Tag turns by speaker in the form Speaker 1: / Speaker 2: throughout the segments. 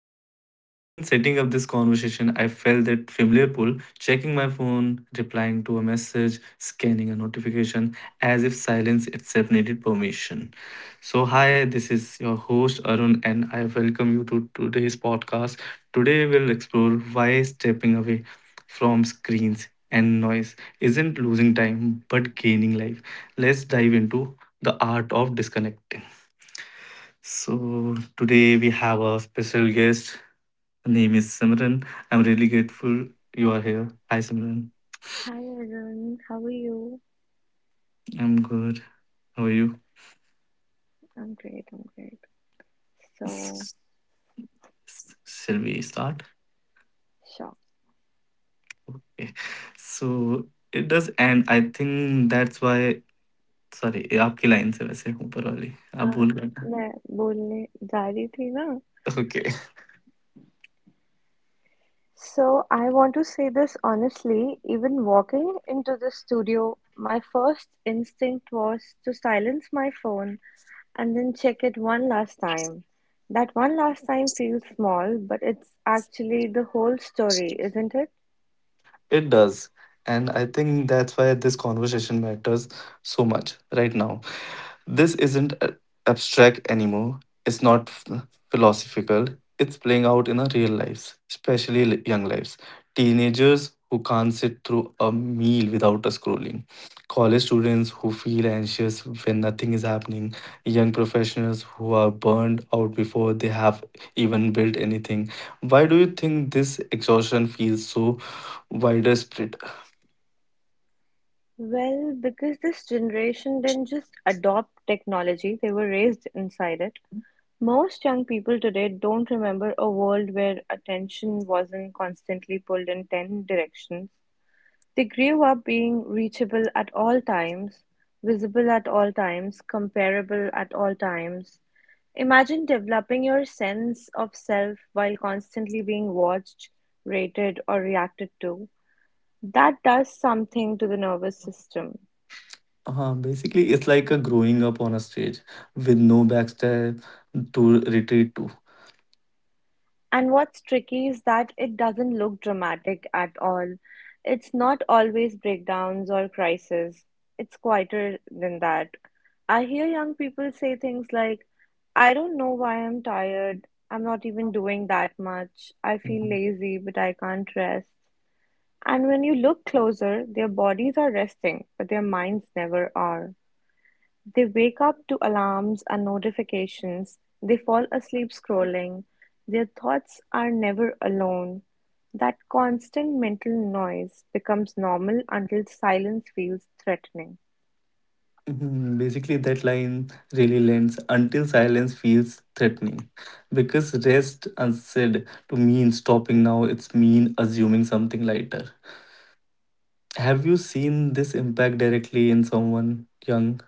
Speaker 1: something. Even setting up this conversation, I felt that familiar pull, checking my phone, replying to a message, scanning a notification, as if silence itself needed permission. So, hi, this is your host Arun, and I welcome you to today's podcast. Today, we'll explore why stepping away from screens and noise isn't losing time but gaining life. Let's dive into the art of disconnecting. So today we have a special guest. Her name is Simran. I'm really grateful you are here. Hi Simran.
Speaker 2: Hi Arun, how are you?
Speaker 1: I'm good. How are you?
Speaker 2: I'm great, I'm great. So,
Speaker 1: S- Shall we start?
Speaker 2: sure.
Speaker 1: Okay. So it does end. I think that's why. Sorry आपकी line से वैसे ऊपर वाली आप
Speaker 2: Uh,
Speaker 1: भूल गए ना?
Speaker 2: मैं बोलने जा रही थी ना.
Speaker 1: Okay
Speaker 2: So I want to say this honestly. Even walking into the studio, my first instinct was to silence my phone and then check it one last time. That one last time feels small, but it's actually the whole story, isn't it?
Speaker 1: It does. And I think that's why this conversation matters so much right now. This isn't abstract anymore. It's not philosophical. It's playing out in our real lives, especially young lives. Teenagers who can't sit through a meal without a scrolling. College students who feel anxious when nothing is happening. Young professionals who are burned out before they have even built anything. Why do you think this exhaustion feels so wider spread?
Speaker 2: Well, because this generation didn't just adopt technology, they were raised inside it. Most young people today don't remember a world where attention wasn't constantly pulled in 10 directions. They grew up being reachable at all times, visible at all times, comparable at all times. Imagine developing your sense of self while constantly being watched, rated, or reacted to. That does something to the nervous system.
Speaker 1: Basically, it's like a growing up on a stage with no backstab to retreat to.
Speaker 2: And what's tricky is that it doesn't look dramatic at all. It's not always breakdowns or crises. It's quieter than that. I hear young people say things like, I don't know why I'm tired. I'm not even doing that much. I feel
Speaker 1: Mhm.
Speaker 2: lazy, but I can't rest. And when you look closer, their bodies are resting, but their minds never are. They wake up to alarms and notifications, they fall asleep scrolling, their thoughts are never alone. That constant mental noise becomes normal until silence feels threatening.
Speaker 1: Mhm. Basically, that line really lands until silence feels threatening. Because rest unsaid to mean stopping now, it's mean assuming something lighter. Have you seen this impact directly in someone young?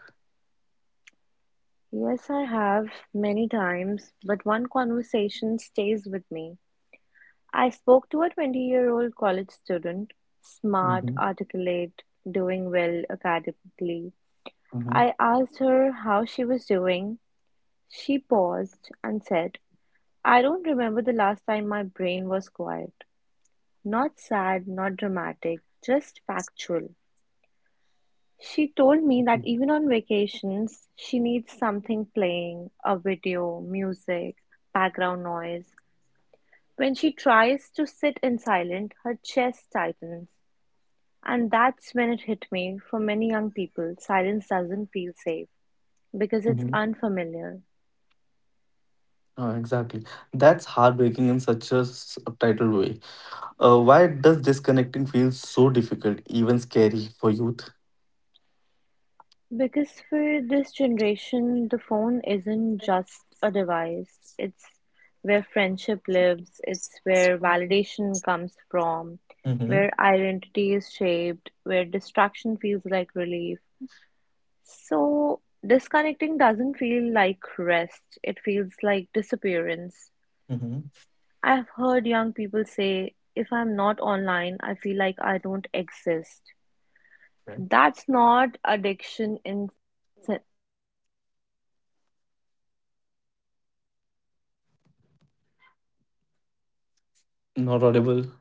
Speaker 2: Yes, I have many times, but one conversation stays with me. I spoke to a 20-year-old college student, smart,
Speaker 1: Mm-hmm,
Speaker 2: articulate, doing well academically.
Speaker 1: mm-hmm,
Speaker 2: I asked her how she was doing. She paused and said, I don't remember the last time my brain was quiet. Not sad, not dramatic, just factual. She told me that even on vacations, she needs something playing, a video, music, background noise. When she tries to sit in silence, her chest tightens. And that's when it hit me. For many young people, silence doesn't feel safe because it's
Speaker 1: mm-hmm,
Speaker 2: unfamiliar.
Speaker 1: exactly. That's heartbreaking in such a subtitled way. Why does disconnecting feel so difficult, even scary for youth?
Speaker 2: Because for this generation, the phone isn't just a device. It's where friendship lives, it's where validation comes from,
Speaker 1: Mm-hmm.
Speaker 2: where identity is shaped, where distraction feels like relief. So, disconnecting doesn't feel like rest, it feels like disappearance.
Speaker 1: Mm-hmm.
Speaker 2: I've heard young people say, if I'm not online, I feel like I don't exist.
Speaker 1: Right.
Speaker 2: That's not addiction in
Speaker 1: Not audible.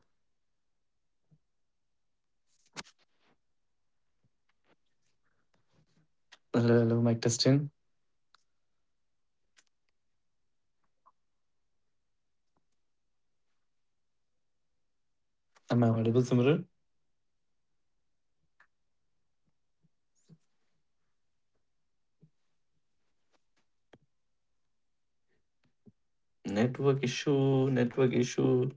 Speaker 1: Hello, hello, mic testing. Am I audible, Simran? Network issue. Network issue.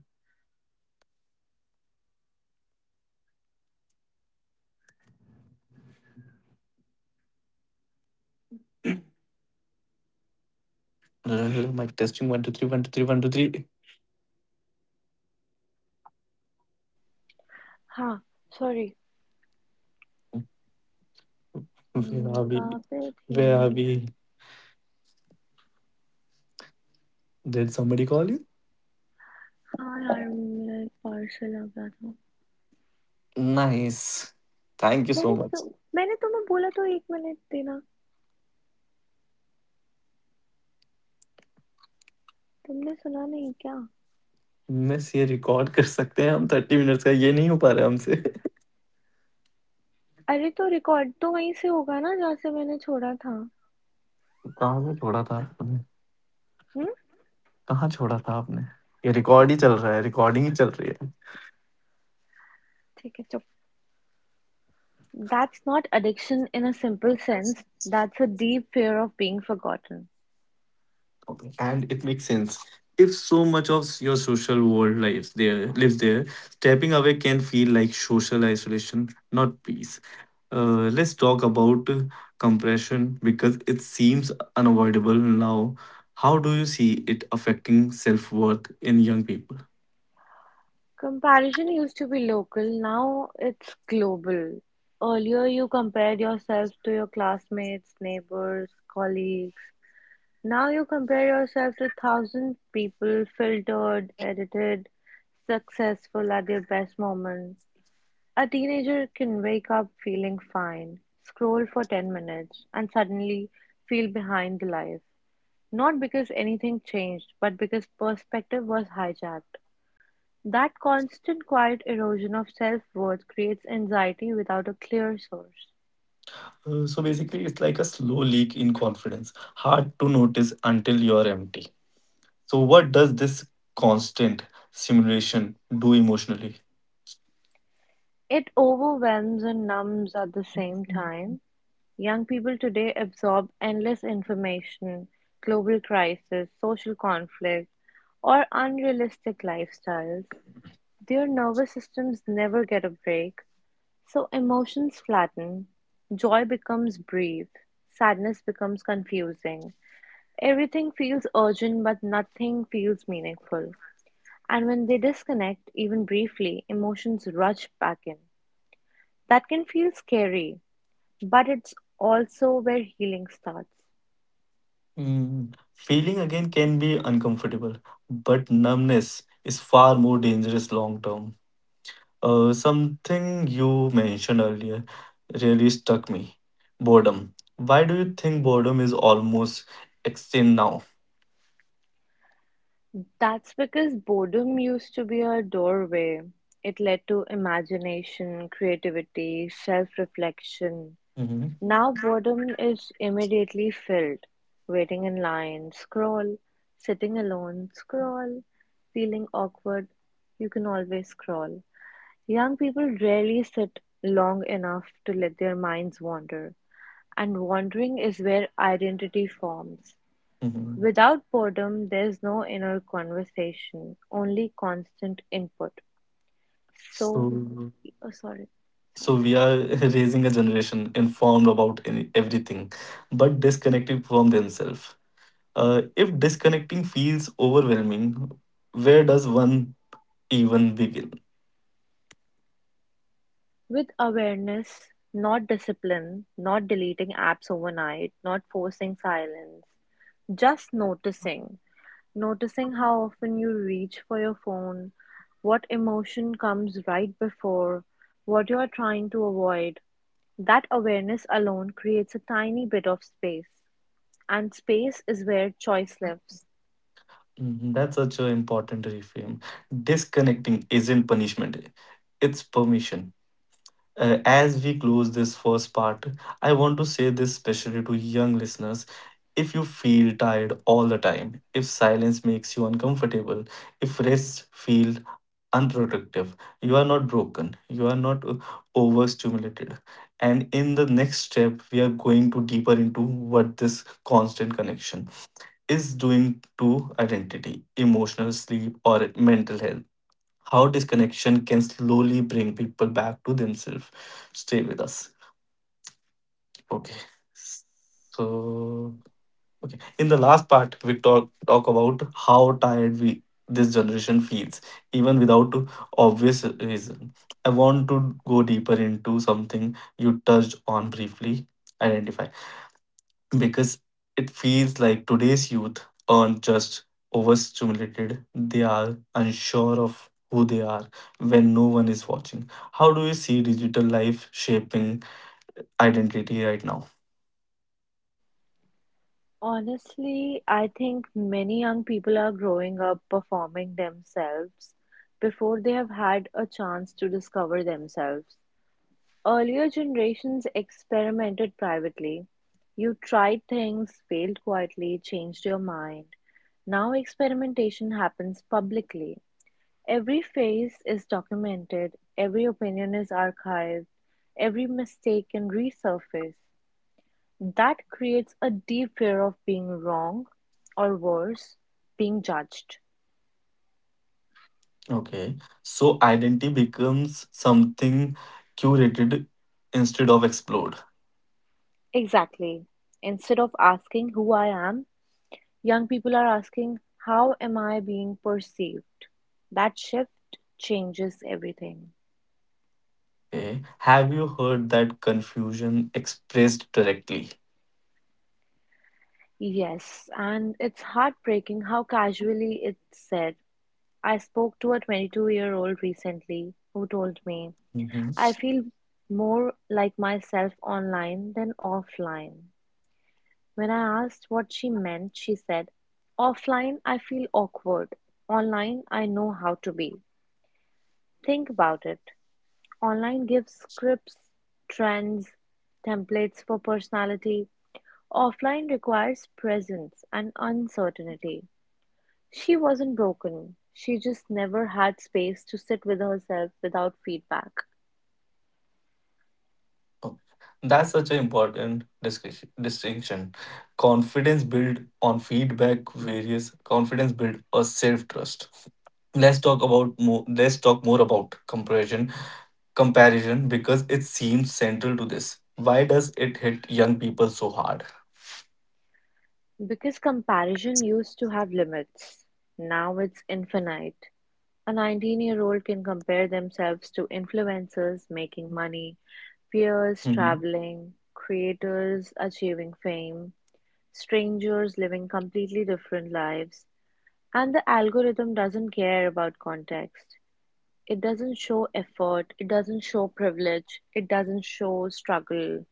Speaker 1: Hello, hello, mic testing. One, two, three, one, two, three, one, two, three.
Speaker 2: हाँ sorry
Speaker 1: Where are we?
Speaker 2: कहाँ पे थी
Speaker 1: Where
Speaker 2: मैं
Speaker 1: are we? Did somebody call you?
Speaker 2: हाँ यार मेरा एक parcel आ गया था
Speaker 1: Nice. Thank you
Speaker 2: मैंने
Speaker 1: so much.
Speaker 2: तो मैंने तुम्हें बोला तो एक मिनट देना तुमने सुना नहीं क्या
Speaker 1: मिस ये रिकॉर्ड कर सकते हैं हम थर्टी मिनट्स का ये नहीं हो पा रहा हमसे
Speaker 2: अरे तो रिकॉर्ड तो वहीं से होगा ना जहाँ से मैंने छोड़ा था
Speaker 1: कहाँ से छोड़ा था आपने?
Speaker 2: हम्म
Speaker 1: कहाँ छोड़ा था आपने? ये रिकॉर्ड ही चल रहा है, रिकॉर्डिंग ही चल रही है.
Speaker 2: ठीक है चुप that's not addiction in a simple sense that's a deep fear of being forgotten.
Speaker 1: Okay, and it makes sense. If so much of your social world lives there, stepping away can feel like social isolation, not peace. Let's talk about compression because it seems unavoidable now. How do you see it affecting self-worth in young people?
Speaker 2: Comparison used to be local, now it's global. Earlier, you compared yourself to your classmates, neighbors, colleagues. Now you compare yourself to 1,000 people filtered, edited, successful at their best moment. A teenager can wake up feeling fine, scroll for 10 minutes, and suddenly feel behind the life. Not because anything changed, but because perspective was hijacked. That constant quiet erosion of self worth creates anxiety without a clear source.
Speaker 1: So basically, it's like a slow leak in confidence, hard to notice until you're empty. So what does this constant simulation do emotionally?
Speaker 2: It overwhelms and numbs at the same time. Young people today absorb endless information, global crisis, social conflict, or unrealistic lifestyles. Their nervous systems never get a break, so emotions flatten. Joy becomes brief, sadness becomes confusing. Everything feels urgent, but nothing feels meaningful. And when they disconnect, even briefly, emotions rush back in. That can feel scary, but it's also where healing starts.
Speaker 1: Mm. Feeling again can be uncomfortable, but numbness is far more dangerous long term. Something you mentioned earlier really stuck me. Boredom. Why do you think boredom is almost extinct now?
Speaker 2: That's because boredom used to be a doorway. It led to imagination, creativity, self reflection.
Speaker 1: Hmm.
Speaker 2: Now, boredom is immediately filled. Waiting in line, scroll. Sitting alone, scroll. Feeling awkward, you can always scroll. Young people rarely sit long enough to let their minds wander. And wandering is where identity forms.
Speaker 1: Hmm.
Speaker 2: Without boredom, there's no inner conversation, only constant input. So,
Speaker 1: So,
Speaker 2: oh, sorry,
Speaker 1: So
Speaker 2: sorry.
Speaker 1: we are raising a generation informed about any, everything, but disconnected from themselves. If disconnecting feels overwhelming, where does one even begin?
Speaker 2: With awareness, not discipline, not deleting apps overnight, not forcing silence, just noticing. Noticing how often you reach for your phone, what emotion comes right before, what you are trying to avoid. That awareness alone creates a tiny bit of space, and space is where choice lives.
Speaker 1: Mhm. That's such an important reframe. Disconnecting isn't punishment; it's permission. As we close this first part, I want to say this especially to young listeners. If you feel tired all the time, if silence makes you uncomfortable, if rest feels unproductive, you are not broken, you are not overstimulated. And in the next step, we are going to deeper into what this constant connection is doing to identity, emotional sleep, or mental health. How disconnection can slowly bring people back to themselves. Stay with us. Okay. So Okay. In the last part, we talk about how tired we this generation feels, even without obvious reason. I want to go deeper into something you touched on briefly, identify, because it feels like today's youth aren't just overstimulated; they are unsure of who they are when no one is watching. How do you see digital life shaping identity right now?
Speaker 2: Honestly, I think many young people are growing up performing themselves before they have had a chance to discover themselves. Earlier generations experimented privately. You tried things, failed quietly, changed your mind. Now experimentation happens publicly. Every phase is documented, every opinion is archived, every mistake can resurface. That creates a deep fear of being wrong, or worse, being judged.
Speaker 1: Okay. So identity becomes something curated instead of explored.
Speaker 2: Exactly. Instead of asking who I am, young people are asking, how am I being perceived? That shift changes everything.
Speaker 1: Okay. Have you heard that confusion expressed directly?
Speaker 2: Yes, and it's heartbreaking how casually it's said. I spoke to a 22-year-old recently who told me,
Speaker 1: Hmm.
Speaker 2: I feel more like myself online than offline. When I asked what she meant, she said, offline, I feel awkward. Online, I know how to be. Think about it. Online gives scripts, trends, templates for personality. Offline requires presence and uncertainty. She wasn't broken, she just never had space to sit with herself without feedback.
Speaker 1: Okay. That's such an important discussion, distinction. Confidence built on feedback, various confidence built a self trust. Let's talk about more. Let's talk more about comparison because it seems central to this. Why does it hit young people so hard?
Speaker 2: Because comparison used to have limits, now it's infinite. A 19-year-old year old can compare themselves to influencers making money, peers
Speaker 1: Mm-hmm.
Speaker 2: traveling, creators achieving fame, strangers living completely different lives, and the algorithm doesn't care about context. It doesn't show effort, it doesn't show privilege, it doesn't show struggle,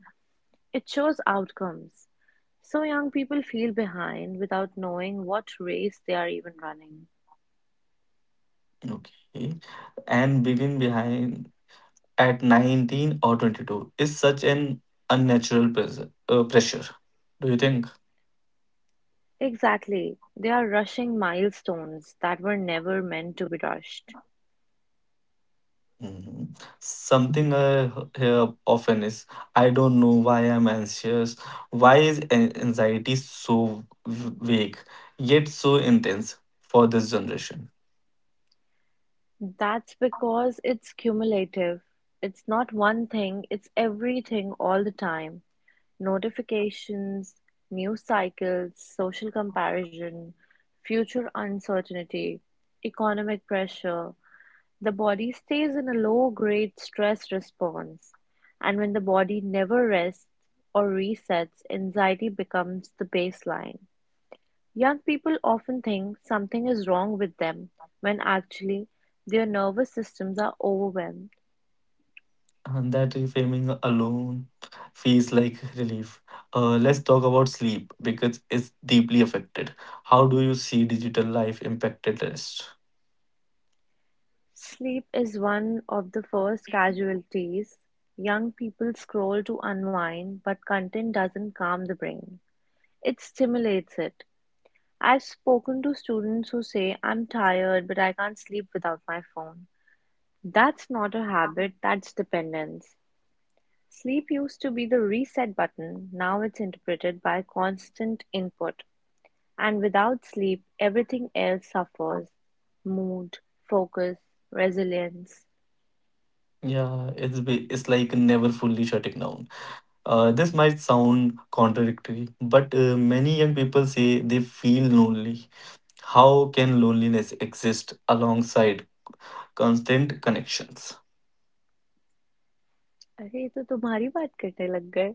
Speaker 2: it shows outcomes. So young people feel behind without knowing what race they are even running.
Speaker 1: Okay. And begin behind at 19 or 22 is such an unnatural pressure. Do you think?
Speaker 2: Exactly, they are rushing milestones that were never meant to be rushed.
Speaker 1: Mhm. Something I hear often is, I don't know why I'm anxious. Why is anxiety so vague yet so intense for this generation?
Speaker 2: That's because it's cumulative. It's not one thing, it's everything all the time. Notifications, news cycles, social comparison, future uncertainty, economic pressure, the body stays in a low grade stress response. And when the body never rests or resets, anxiety becomes the baseline. Young people often think something is wrong with them when actually their nervous systems are overwhelmed.
Speaker 1: And that reframing alone feels like relief. Let's talk about sleep because it's deeply affected. How do you see digital life impacted rest?
Speaker 2: Sleep is one of the first casualties. Young people scroll to unwind, but content doesn't calm the brain. It stimulates it. I've spoken to students who say, I'm tired, but I can't sleep without my phone. That's not a habit, that's dependence. Sleep used to be the reset button, now it's interpreted by constant input. And without sleep, everything else suffers mood, focus, resilience.
Speaker 1: Yeah, it's like never fully shutting down. This might sound contradictory, but many young people say they feel lonely. How can loneliness exist alongside constant connections?
Speaker 2: अरे ये तो तुम्हारी बात करने लग गए.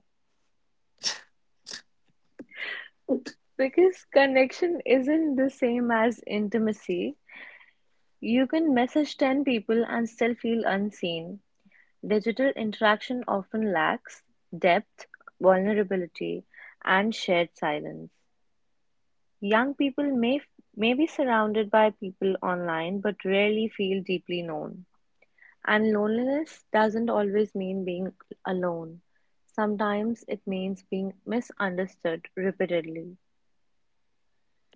Speaker 2: Because connection isn't the same as intimacy. You can message 10 people and still feel unseen. Digital interaction often lacks depth, vulnerability, and shared silence. Young people may be surrounded by people online but rarely feel deeply known. And loneliness doesn't always mean being alone. Sometimes it means being misunderstood repeatedly.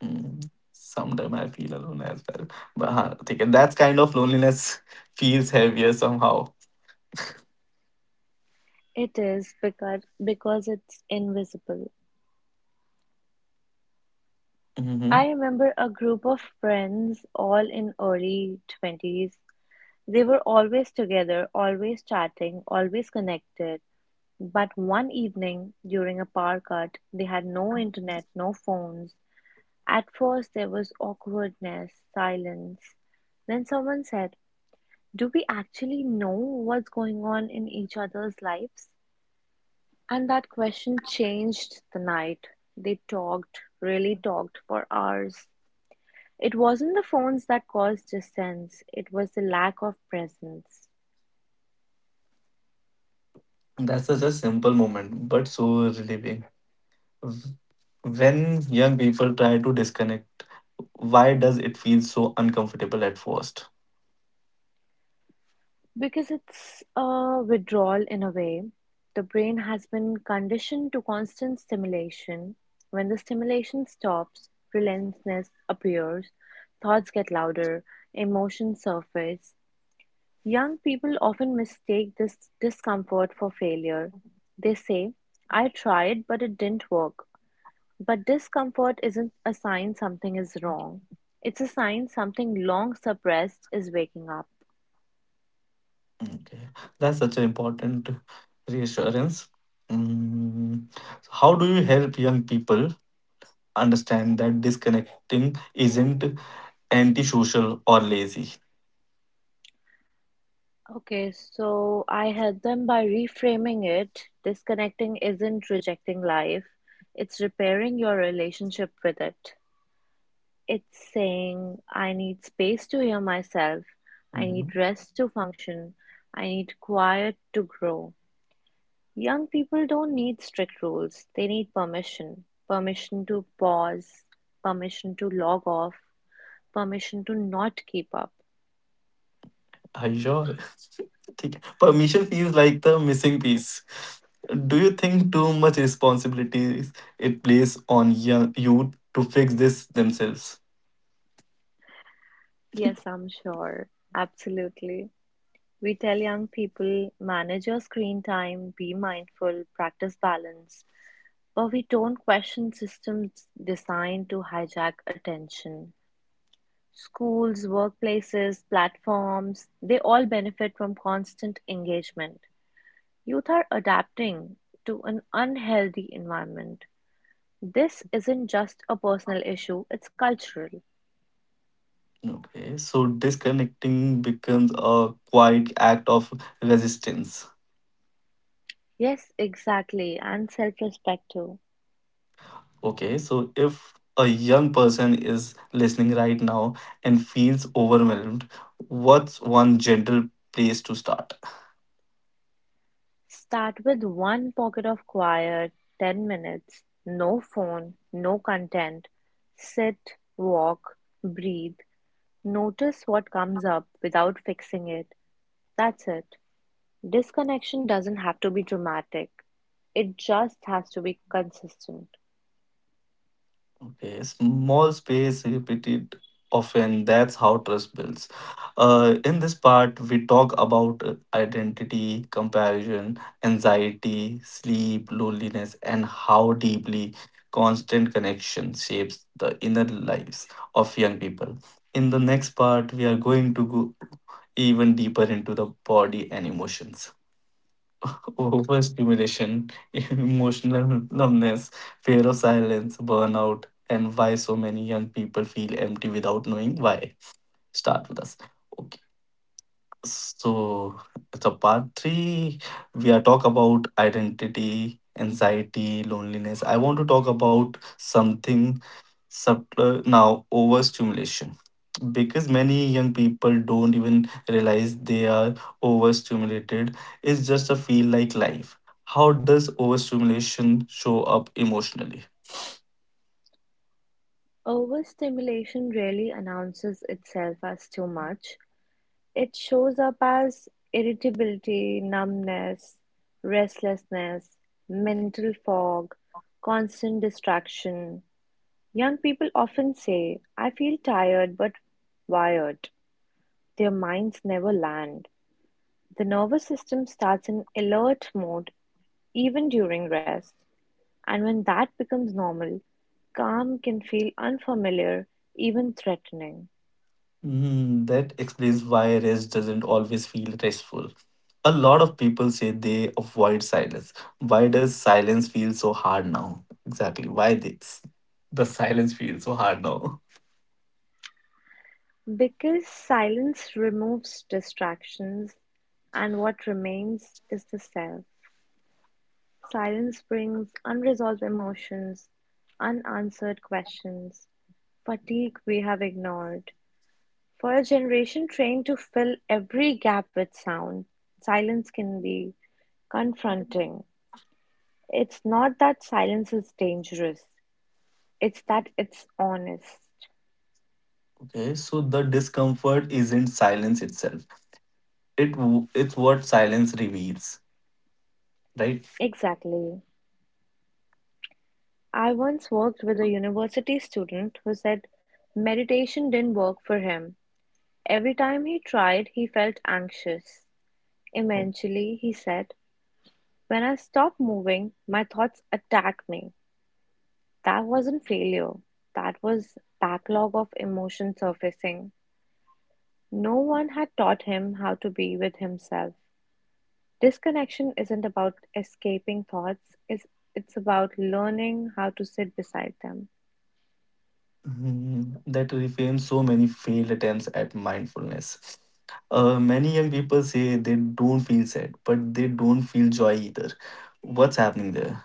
Speaker 1: Mm. Sometimes I feel alone as well. But think that's kind of loneliness feels heavier somehow.
Speaker 2: It is because it's invisible. I
Speaker 1: Hmm.
Speaker 2: remember a group of friends all in early 20s. They were always together, always chatting, always connected. But one evening during a power cut, they had no internet, no phones. At first there was awkwardness, silence. Then someone said, "Do we actually know what's going on in each other's lives?" And that question changed the night. They talked, really talked for hours. It wasn't the phones that caused distance, it was the lack of presence.
Speaker 1: That's such a simple moment, but so relieving. W- When young people try to disconnect, why does it feel so uncomfortable at first?
Speaker 2: Because it's a withdrawal in a way. The brain has been conditioned to constant stimulation. When the stimulation stops, relentlessness appears, thoughts get louder, emotions surface. Young people often mistake this discomfort for failure. They say, I tried, but it didn't work. But discomfort isn't a sign something is wrong, it's a sign something long suppressed is waking up.
Speaker 1: Okay, that's such an important reassurance. Mm. How do you help young people understand that disconnecting isn't antisocial or lazy?
Speaker 2: Okay, so I help them by reframing it. Disconnecting isn't rejecting life, it's repairing your relationship with it. It's saying, I need space to hear myself. I need rest to function. I need quiet to grow. Young people don't need strict rules, they need permission. Permission to pause, permission to log off, permission to not keep up.
Speaker 1: Are you sure? ठीक है, permission feels like the missing piece. Do you think too much responsibilities it plays on young youth to fix this themselves?
Speaker 2: Yes, I'm sure. Absolutely. We tell young people manage your screen time, be mindful, practice balance, but we don't question systems designed to hijack attention. Schools, workplaces, platforms, they all benefit from constant engagement. Youth are adapting to an unhealthy environment. This isn't just a personal issue, it's cultural.
Speaker 1: Okay, so disconnecting becomes a quiet act of resistance.
Speaker 2: Yes, exactly, and self respect too.
Speaker 1: Okay, so if a young person is listening right now and feels overwhelmed, what's one gentle place to start?
Speaker 2: Start with one pocket of quiet, 10 minutes, no phone, no content. Sit, walk, breathe, notice what comes up without fixing it. That's it. Disconnection doesn't have to be dramatic, it just has to be consistent.
Speaker 1: Okay, small space repeated often. That's how trust builds. In this part, we talk about identity, comparison, anxiety, sleep, loneliness, and how deeply constant connection shapes the inner lives of young people. In the next part, we are going to go even deeper into the body and emotions. overstimulation, emotional numbness, fear of silence, burnout, and why so many young people feel empty without knowing why. Start with us. Okay. So, the part three, we are talk about identity, anxiety, loneliness. I want to talk about something subtler now, overstimulation. Because many young people don't even realize they are overstimulated. It's just a feel like life. How does overstimulation show up emotionally?
Speaker 2: Overstimulation rarely announces itself as too much. It shows up as irritability, numbness, restlessness, mental fog, constant distraction. Young people often say, I feel tired but wired. Their minds never land. The nervous system starts in alert mode even during rest. And when that becomes normal, calm can feel unfamiliar, even threatening.
Speaker 1: Hmm, that explains why rest doesn't always feel restful. A lot of people say they avoid silence. Why does silence feel so hard now? Exactly. Why this? The silence feels so hard now.
Speaker 2: Because silence removes distractions, and what remains is the self. Silence brings unresolved emotions, unanswered questions, fatigue we have ignored. For a generation trained to fill every gap with sound, silence can be confronting. It's not that silence is dangerous, it's that it's honest.
Speaker 1: Okay, so the discomfort isn't silence itself. It's what silence reveals, right?
Speaker 2: Exactly. I once worked with a university student who said meditation didn't work for him. Every time he tried, he felt anxious.
Speaker 1: Oh.
Speaker 2: Eventually, he said, when I stopped moving, my thoughts attacked me. That wasn't failure. That was backlog of emotion surfacing. No one had taught him how to be with himself. Disconnection isn't about escaping thoughts, it's about learning how to sit beside them.
Speaker 1: Mhm. That reframes so many failed attempts at mindfulness. Many young people say they don't feel sad, but they don't feel joy either. What's happening there?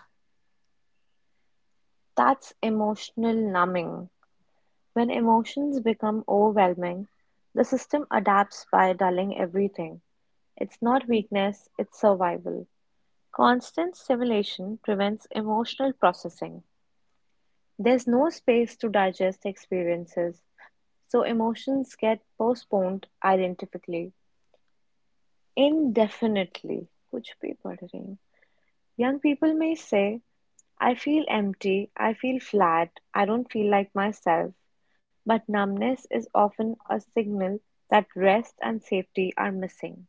Speaker 2: That's emotional numbing. When emotions become overwhelming, the system adapts by dulling everything. It's not weakness, it's survival. Constant stimulation prevents emotional processing. There's no space to digest experiences, so emotions get postponed indefinitely. कुछ भी पढ़ रही हूँ. Young people may say, I feel empty, I feel flat, I don't feel like myself, but numbness is often a signal that rest and safety are missing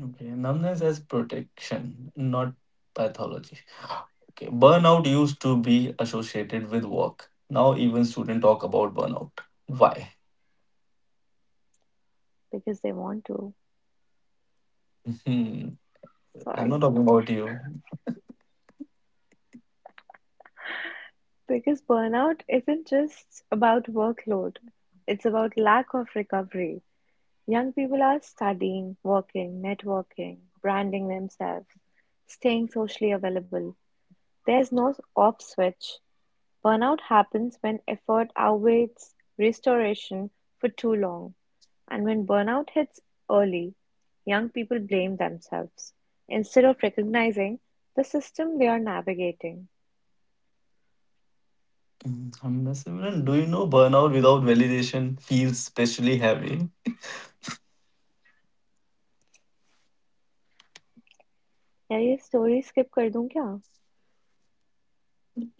Speaker 1: Okay, numbness as protection, not pathology. Okay, burnout used to be associated with work. Now even students talk about burnout. Why?
Speaker 2: because they want to.
Speaker 1: Hmm, I'm not
Speaker 2: Sorry.
Speaker 1: talking about you.
Speaker 2: Because burnout isn't just about workload, it's about lack of recovery. Young people are studying, working, networking, branding themselves, staying socially available. There's no off switch. Burnout happens when effort outweighs restoration for too long, and when burnout hits early, young people blame themselves instead of recognizing the system they are navigating.
Speaker 1: Mm, I'm just wondering, do you know burnout without validation feels especially heavy?
Speaker 2: यार ये story skip कर दूं क्या?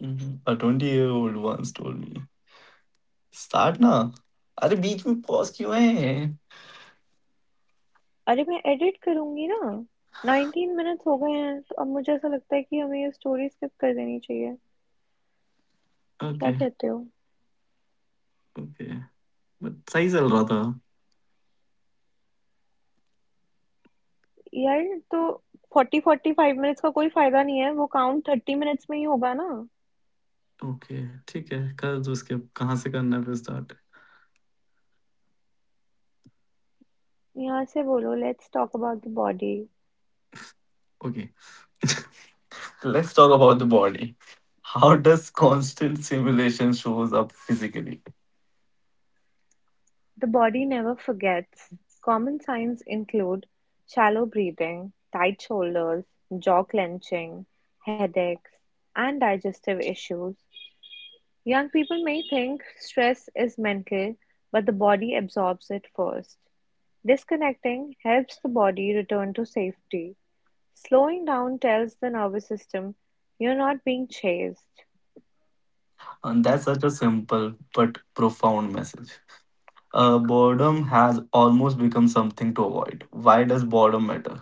Speaker 1: Mhm. A 20-year-old year old once told me, Start ना अरे बीच में pause क्यों है?
Speaker 2: अरे मैं एडिट करूंगी ना. 19 मिनट्स हो गए हैं तो अब मुझे ऐसा लगता है कि हमें ये स्टोरी स्किप कर देनी चाहिए. क्या
Speaker 1: Okay.
Speaker 2: कहते हो?
Speaker 1: Okay. बट सही चल रहा था.
Speaker 2: यार, तो 40 45 मिनट्स का कोई फायदा नहीं है, वो काउंट 30 मिनट्स में ही होगा ना.
Speaker 1: ओके ठीक है, कर दो उसके. कहाँ से करना है फिर स्टार्ट?
Speaker 2: यहाँ से बोलो, let's talk about the body.
Speaker 1: Okay Let's talk about the body. How does constant simulation shows up physically?
Speaker 2: The body never forgets. Common signs include shallow breathing, tight shoulders, jaw clenching, headaches, and digestive issues. Young people may think stress is mental, but the body absorbs it first. Disconnecting helps the body return to safety. Slowing down tells the nervous system you're not being chased.
Speaker 1: And that's such a simple but profound message. Boredom has almost become something to avoid. Why does boredom matter?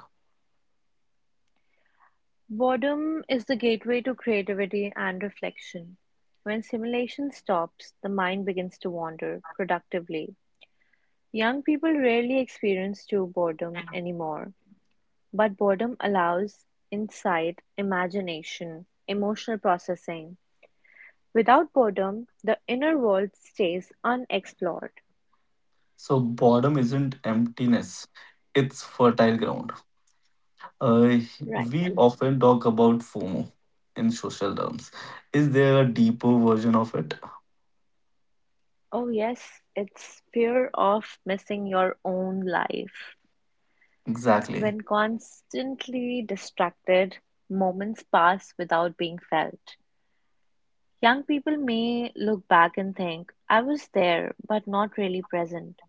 Speaker 2: Boredom is the gateway to creativity and reflection. When stimulation stops, the mind begins to wander productively. Young people rarely experience true boredom anymore, but boredom allows insight, imagination, emotional processing. Without boredom, the inner world stays unexplored.
Speaker 1: So boredom isn't emptiness; it's fertile ground. Uh,
Speaker 2: Right.
Speaker 1: we often talk about FOMO in social terms. Is there a deeper version of it?
Speaker 2: Oh, yes, it's fear of missing your own life.
Speaker 1: Exactly.
Speaker 2: When constantly distracted, moments pass without being felt. Young people may look back and think, I was there, but not really present.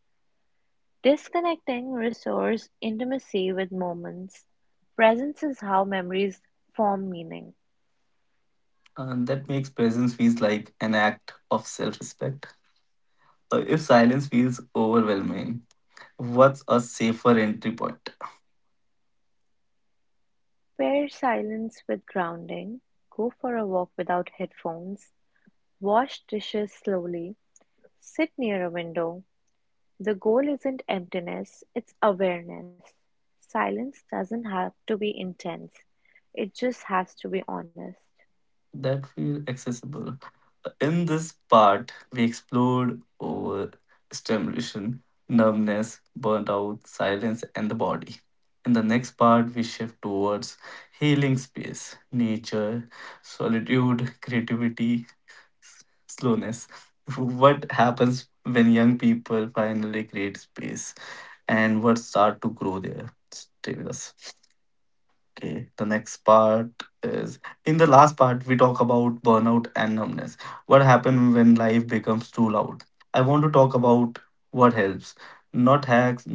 Speaker 2: Disconnecting restores intimacy with moments. Presence is how memories form meaning.
Speaker 1: And that makes presence feels like an act of self-respect. If silence feels overwhelming, what's a safer entry point
Speaker 2: Pair silence with grounding. Go for a walk without headphones. Wash dishes slowly. Sit near a window. The goal isn't emptiness, it's awareness. Silence doesn't have to be intense, it just has to be honest.
Speaker 1: that feel accessible? In this part, we explored over stimulation, numbness, burnt out, silence, and the body. In the next part, we shift towards healing space, nature, solitude, creativity, s- slowness. What happens when young people finally create space and what start to grow there? Stay with us. Okay, the next part is in the last part, we talk about burnout and numbness. What happens when life becomes too loud? I want to talk about what helps, not hacks,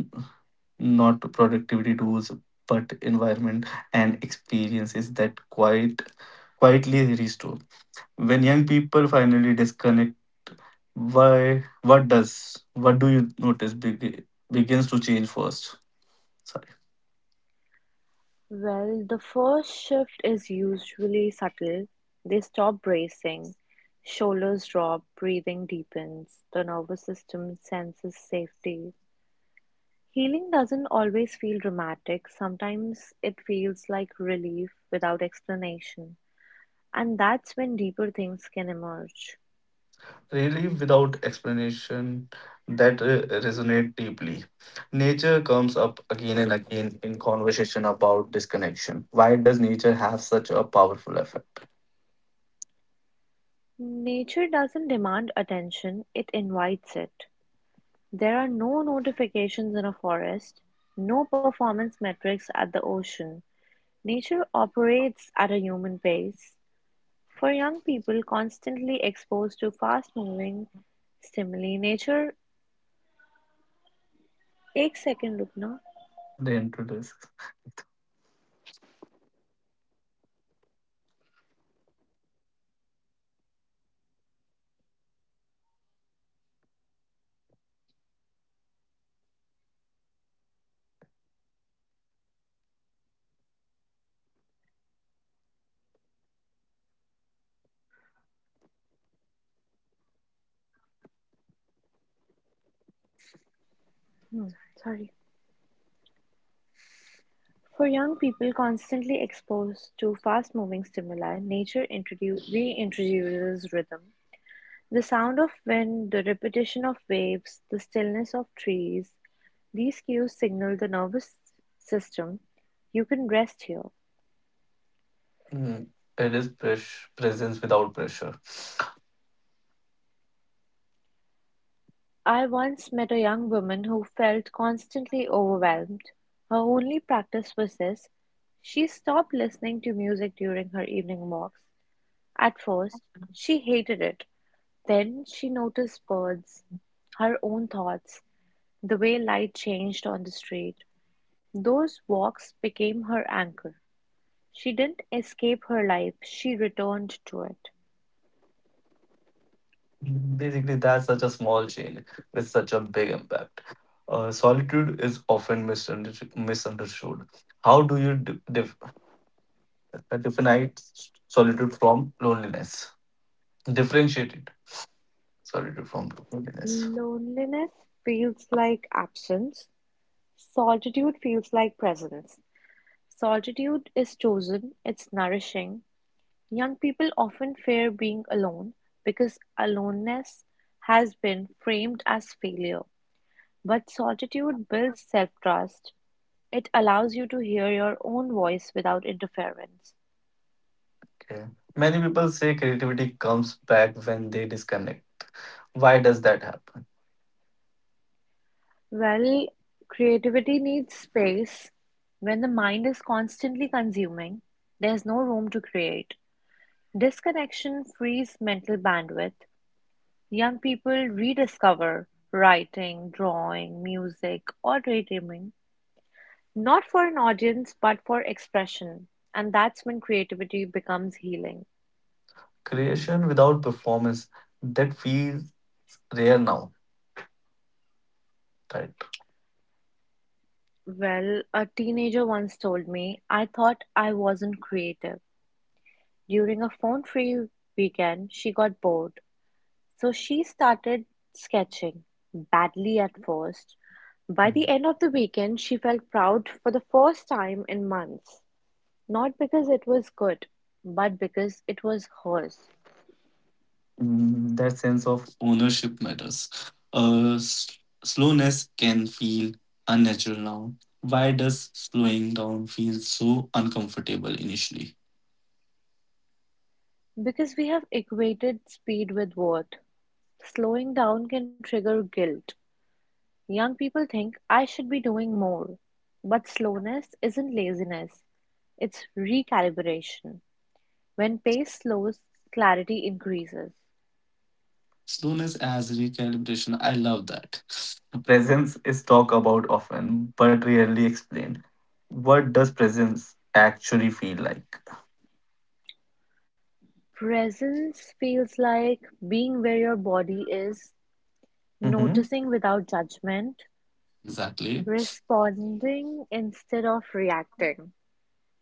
Speaker 1: not productivity tools, but environment and experiences that quite quietly restore. When young people finally disconnect, why what does what do you notice begins to change first? So
Speaker 2: Well, the first shift is usually subtle. They stop bracing, shoulders drop, breathing deepens, the nervous system senses safety. Healing doesn't always feel dramatic, sometimes it feels like relief without explanation, and that's when deeper things can emerge.
Speaker 1: really without explanation that resonate deeply. Nature comes up again and again in conversation about disconnection. Why does nature have such a powerful effect?
Speaker 2: Nature doesn't demand attention, it invites it. There are no notifications in a forest, no performance metrics at the ocean. Nature operates at a human pace. For young people constantly exposed to fast moving stimuli, nature. एक second, रुकना.
Speaker 1: They introduce.
Speaker 2: Hmm, sorry. For young people constantly exposed to fast moving stimuli, nature introduce reintroduces rhythm. The sound of wind, the repetition of waves, the stillness of trees, these cues signal the nervous system, you can rest here.
Speaker 1: Mm, it is presence without pressure.
Speaker 2: I once met a young woman who felt constantly overwhelmed. Her only practice was this. She stopped listening to music during her evening walks. At first, she hated it. Then she noticed birds, her own thoughts, the way light changed on the street. Those walks became her anchor. She didn't escape her life, she returned to it.
Speaker 1: Basically, that's such a small change with such a big impact. Solitude is often misunderstood. How do you define solitude from loneliness? Differentiate it. Sorry, to form loneliness.
Speaker 2: Loneliness feels like absence. Solitude feels like presence. Solitude is chosen, it's nourishing. Young people often fear being alone because aloneness has been framed as failure. But solitude builds self trust. It allows you to hear your own voice without interference.
Speaker 1: Okay. Many people say creativity comes back when they disconnect. Why does that happen?
Speaker 2: Well, creativity needs space. When the mind is constantly consuming, there's no room to create. Disconnection frees mental bandwidth. Young people rediscover writing, drawing, music, or daydreaming, not for an audience, but for expression. And that's when creativity becomes healing.
Speaker 1: Creation without performance, that feels rare now, right?
Speaker 2: Well, a teenager once told me, I thought I wasn't creative. During a phone free weekend, she got bored. So she started sketching, badly at first. By the
Speaker 1: Mm-hmm.
Speaker 2: end of the weekend, she felt proud for the first time in months. Not because it was good, but because it was hers.
Speaker 1: Mm, that sense of ownership matters. Uh, s- slowness can feel unnatural now. Why does slowing down feel so uncomfortable initially?
Speaker 2: Because we have equated speed with worth. Slowing down can trigger guilt. Young people think I should be doing more. But slowness isn't laziness, it's recalibration. When pace slows, clarity increases.
Speaker 1: Slowness as recalibration, I love that. Presence is talked about often, but rarely explained. What does presence actually feel like?
Speaker 2: Presence feels like being where your body is,
Speaker 1: Mhm.
Speaker 2: noticing without judgment,
Speaker 1: Exactly.
Speaker 2: responding instead of reacting.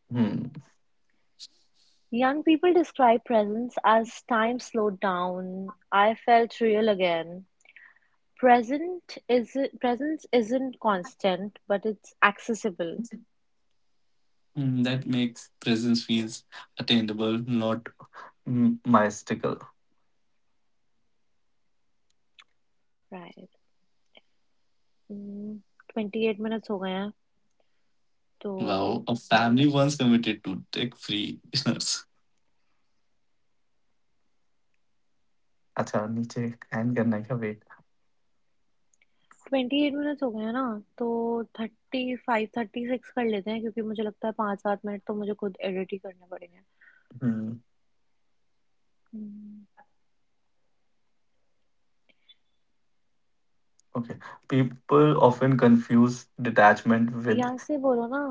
Speaker 1: Hmm.
Speaker 2: Young people describe presence as time slowed down, I felt real again. Present is Presence isn't constant, but it's accessible.
Speaker 1: Mm, that makes presence feels attainable, not mystical.
Speaker 2: Right. Mm, 28 minutes हो गए हैं, तो
Speaker 1: Wow, a family once committed to tech-free dinners. अच्छा नीचे and करना है क्या? Wait
Speaker 2: twenty eight minutes हो गए हैं ना, तो थर्टी फाइव थर्टी सिक्स कर लेते हैं, क्योंकि मुझे लगता है पाँच सात मिनट तो मुझे खुद एडिट ही करने पड़ेंगे.
Speaker 1: Hmm
Speaker 2: hmm.
Speaker 1: Okay people often confuse detachment with.
Speaker 2: यहाँ से बोलो ना,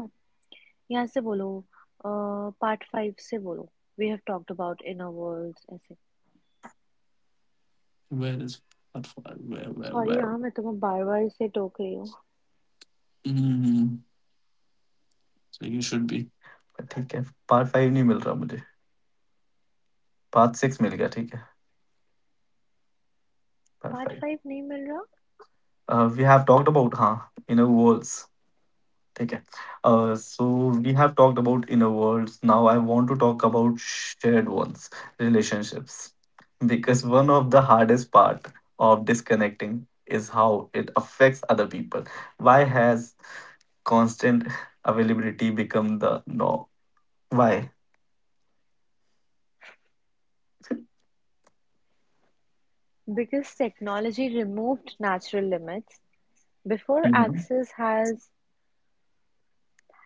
Speaker 2: यहाँ से बोलो, पार्ट फाइव से बोलो, we have talked about inner worlds ऐसे.
Speaker 1: Where is part five? Where,
Speaker 2: sorry
Speaker 1: where?
Speaker 2: यार, मैं तुम्हें बार बार इसे टोक रही हूँ.
Speaker 1: Mm, so you should be. ठीक है. पार्ट फाइव नहीं मिल रहा मुझे. पार्ट सिक्स मिल गया. ठीक है
Speaker 2: पार्ट
Speaker 1: पार्ट
Speaker 2: फाइव नहीं मिल रहा.
Speaker 1: Five we have talked about हाँ inner walls. Okay. So we have talked about inner worlds. Now I want to talk about shared ones, relationships, because one of the hardest part of disconnecting is how it affects other people. Why has constant availability become the norm? Why?
Speaker 2: Because technology removed natural limits before
Speaker 1: Mhm.
Speaker 2: access has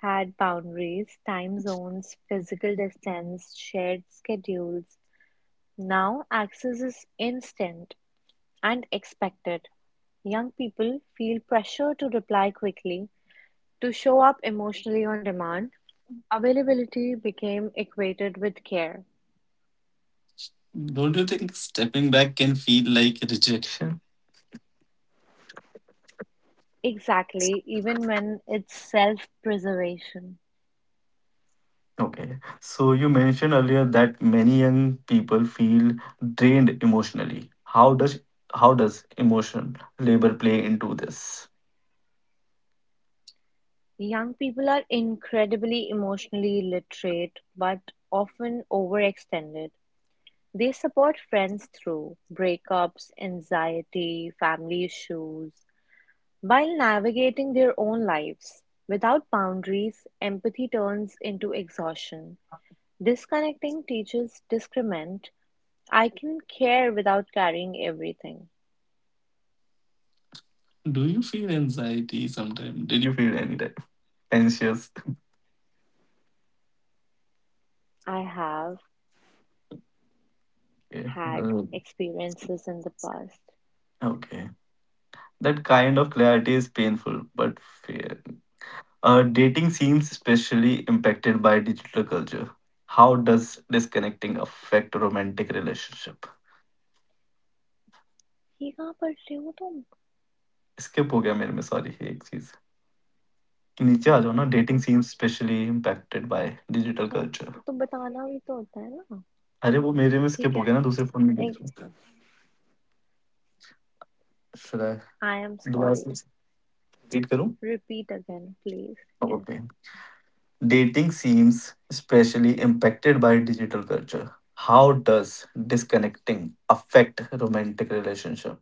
Speaker 2: had boundaries, time zones, physical distance, shared schedules. Now access is instant and expected; young people feel pressure to reply quickly, to show up emotionally on demand. Availability became equated with care.
Speaker 1: Don't you think stepping back can feel like rejection?
Speaker 2: Exactly, even when it's self preservation.
Speaker 1: Okay. So you mentioned earlier that many young people feel drained emotionally. How does emotion labor play into this?
Speaker 2: Young people are incredibly emotionally literate but often overextended. They support friends through breakups, anxiety, family issues, while navigating their own lives without boundaries, empathy turns into exhaustion. Disconnecting teaches discernment. I can care without carrying everything.
Speaker 1: Do you feel anxiety sometime? Did you feel any type anxious?
Speaker 2: I have
Speaker 1: Okay.
Speaker 2: had
Speaker 1: Uh,
Speaker 2: experiences in the past.
Speaker 1: Okay. That kind of clarity is painful but fair. Dating seems especially impacted by digital culture. How does disconnecting affect romantic relationship?
Speaker 2: ये कहाँ पढ़ रहे हो तुम?
Speaker 1: Skip हो गया मेरे में सॉरी एक चीज नीचे आ जाओ ना.
Speaker 2: Uh,
Speaker 1: dating scene specially impacted by digital
Speaker 2: अच्छा
Speaker 1: कल्चर।
Speaker 2: अच्छा, तो बताना भी तो होता है ना.
Speaker 1: अरे वो मेरे में
Speaker 2: ठीक
Speaker 1: स्किप हो
Speaker 2: है.
Speaker 1: गया ना दूसरे फ़ोन में click. Should I
Speaker 2: I am
Speaker 1: दोबारा
Speaker 2: sorry.
Speaker 1: से रीड करूँ?
Speaker 2: Repeat again, please. Yes.
Speaker 1: Okay dating scenes specially impacted by digital culture. How does disconnecting affect romantic relationship?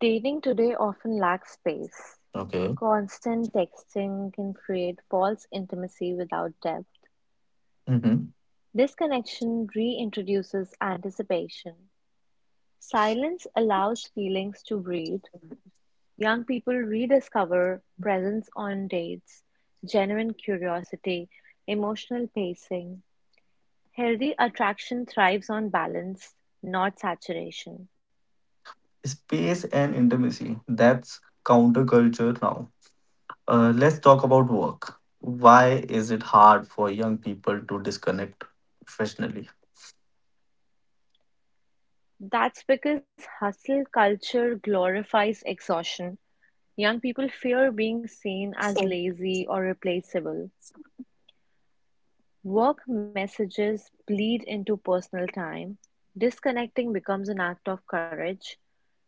Speaker 2: Dating today often lacks space.
Speaker 1: Okay
Speaker 2: Constant texting can create false intimacy without depth.
Speaker 1: mhm.
Speaker 2: Disconnection reintroduces anticipation. Silence allows feelings to breathe. Young people rediscover presence on dates, genuine curiosity, emotional pacing. Healthy attraction thrives on balance, not saturation.
Speaker 1: Space and intimacy. That's counterculture now. Let's talk about work. Why is it hard for young people to disconnect professionally?
Speaker 2: That's because hustle culture glorifies exhaustion. Young people fear being seen as lazy or replaceable. Work messages bleed into personal time. Disconnecting becomes an act of courage.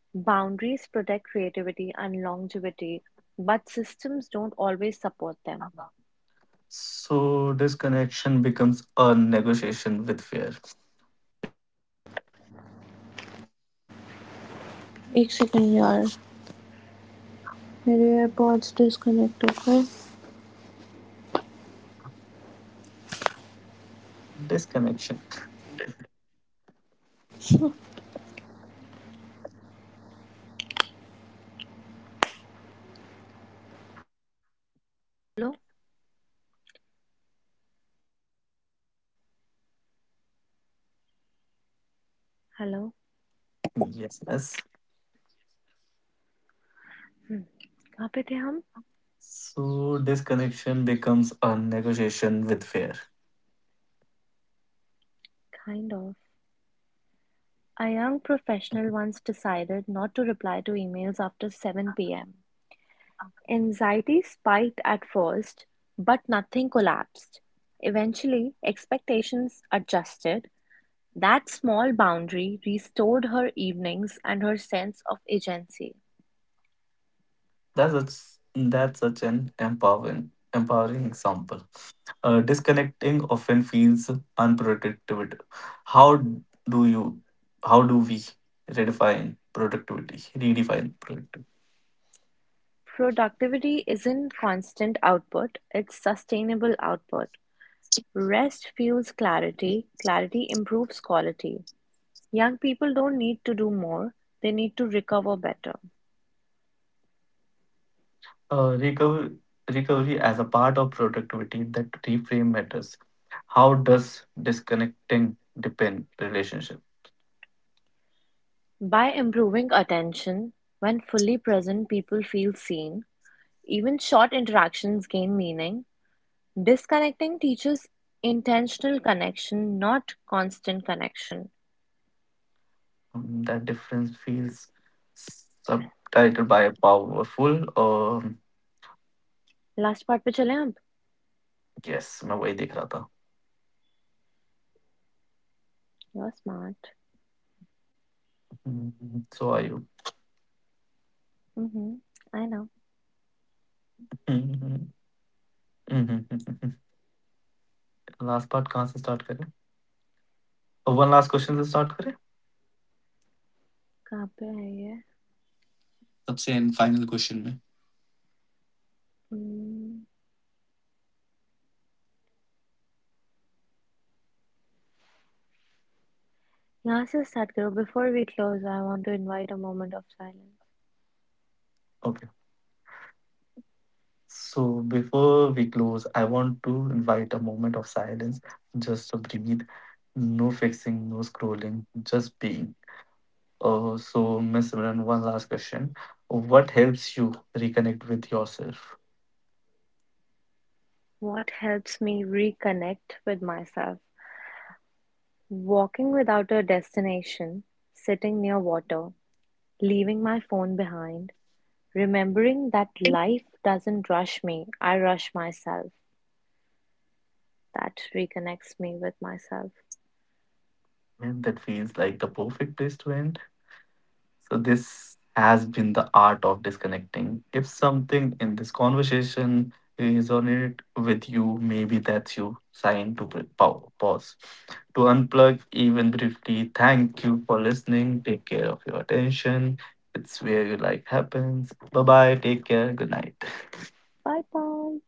Speaker 2: Boundaries protect creativity and longevity, but systems don't always support them.
Speaker 1: So disconnection becomes a negotiation with fear.
Speaker 2: Each career path
Speaker 1: Disconnection.
Speaker 3: Hello.
Speaker 1: Yes, yes.
Speaker 3: Kapiteham?
Speaker 1: So disconnection becomes a negotiation with fear.
Speaker 3: Kind of. A young professional once decided not to reply to emails after 7 p.m. Anxiety spiked at first, but nothing collapsed. Eventually, expectations adjusted. That small boundary restored her evenings and her sense of agency.
Speaker 1: That's that's such an empowering example. Disconnecting often feels unproductive. How do you? How do we redefine productivity? Redefine productivity.
Speaker 3: Productivity isn't constant output, it's sustainable output. Rest fuels clarity, clarity improves quality. Young people don't need to do more, they need to recover better.
Speaker 1: Uh, recover, recovery as a part of productivity, that reframe matters. How does disconnecting depend relationship?
Speaker 3: By improving attention, when fully present, people feel seen. Even short interactions gain meaning. Disconnecting teaches intentional connection, not constant connection.
Speaker 1: That difference feels subtitled by a powerful.
Speaker 3: Last part पे चले हम.
Speaker 1: Yes, मैं वही देख रहा था.
Speaker 3: You're smart.
Speaker 1: Hmm, so are you?
Speaker 3: Mm-hmm. I know.
Speaker 1: Hmm, hmm, hmm, hmm, hmm, hmm. Last part कहाँ से start करें? One last question से start करें?
Speaker 3: कहाँ पे है ये?
Speaker 1: सबसे एंड फाइनल क्वेश्चन में.
Speaker 3: Hmm. यहाँ से start करो. Before we close, I want to invite a moment of silence.
Speaker 1: So before we close, I want to invite a moment of silence just to breathe. No fixing, no scrolling, just being. Miss Simran, one last question. What helps you reconnect with yourself?
Speaker 3: What helps me reconnect with myself? Walking without a destination, sitting near water, leaving my phone behind, remembering that life doesn't rush me, I rush myself. That reconnects me with myself.
Speaker 1: And that feels like the perfect place to end. So, this has been the art of disconnecting. If something in this conversation resonated with you, maybe that's you sign to pause, to unplug even briefly. Thank you for listening. Take care of your attention. It's where your life happens. Bye bye. Take care. Good night.
Speaker 3: Bye bye.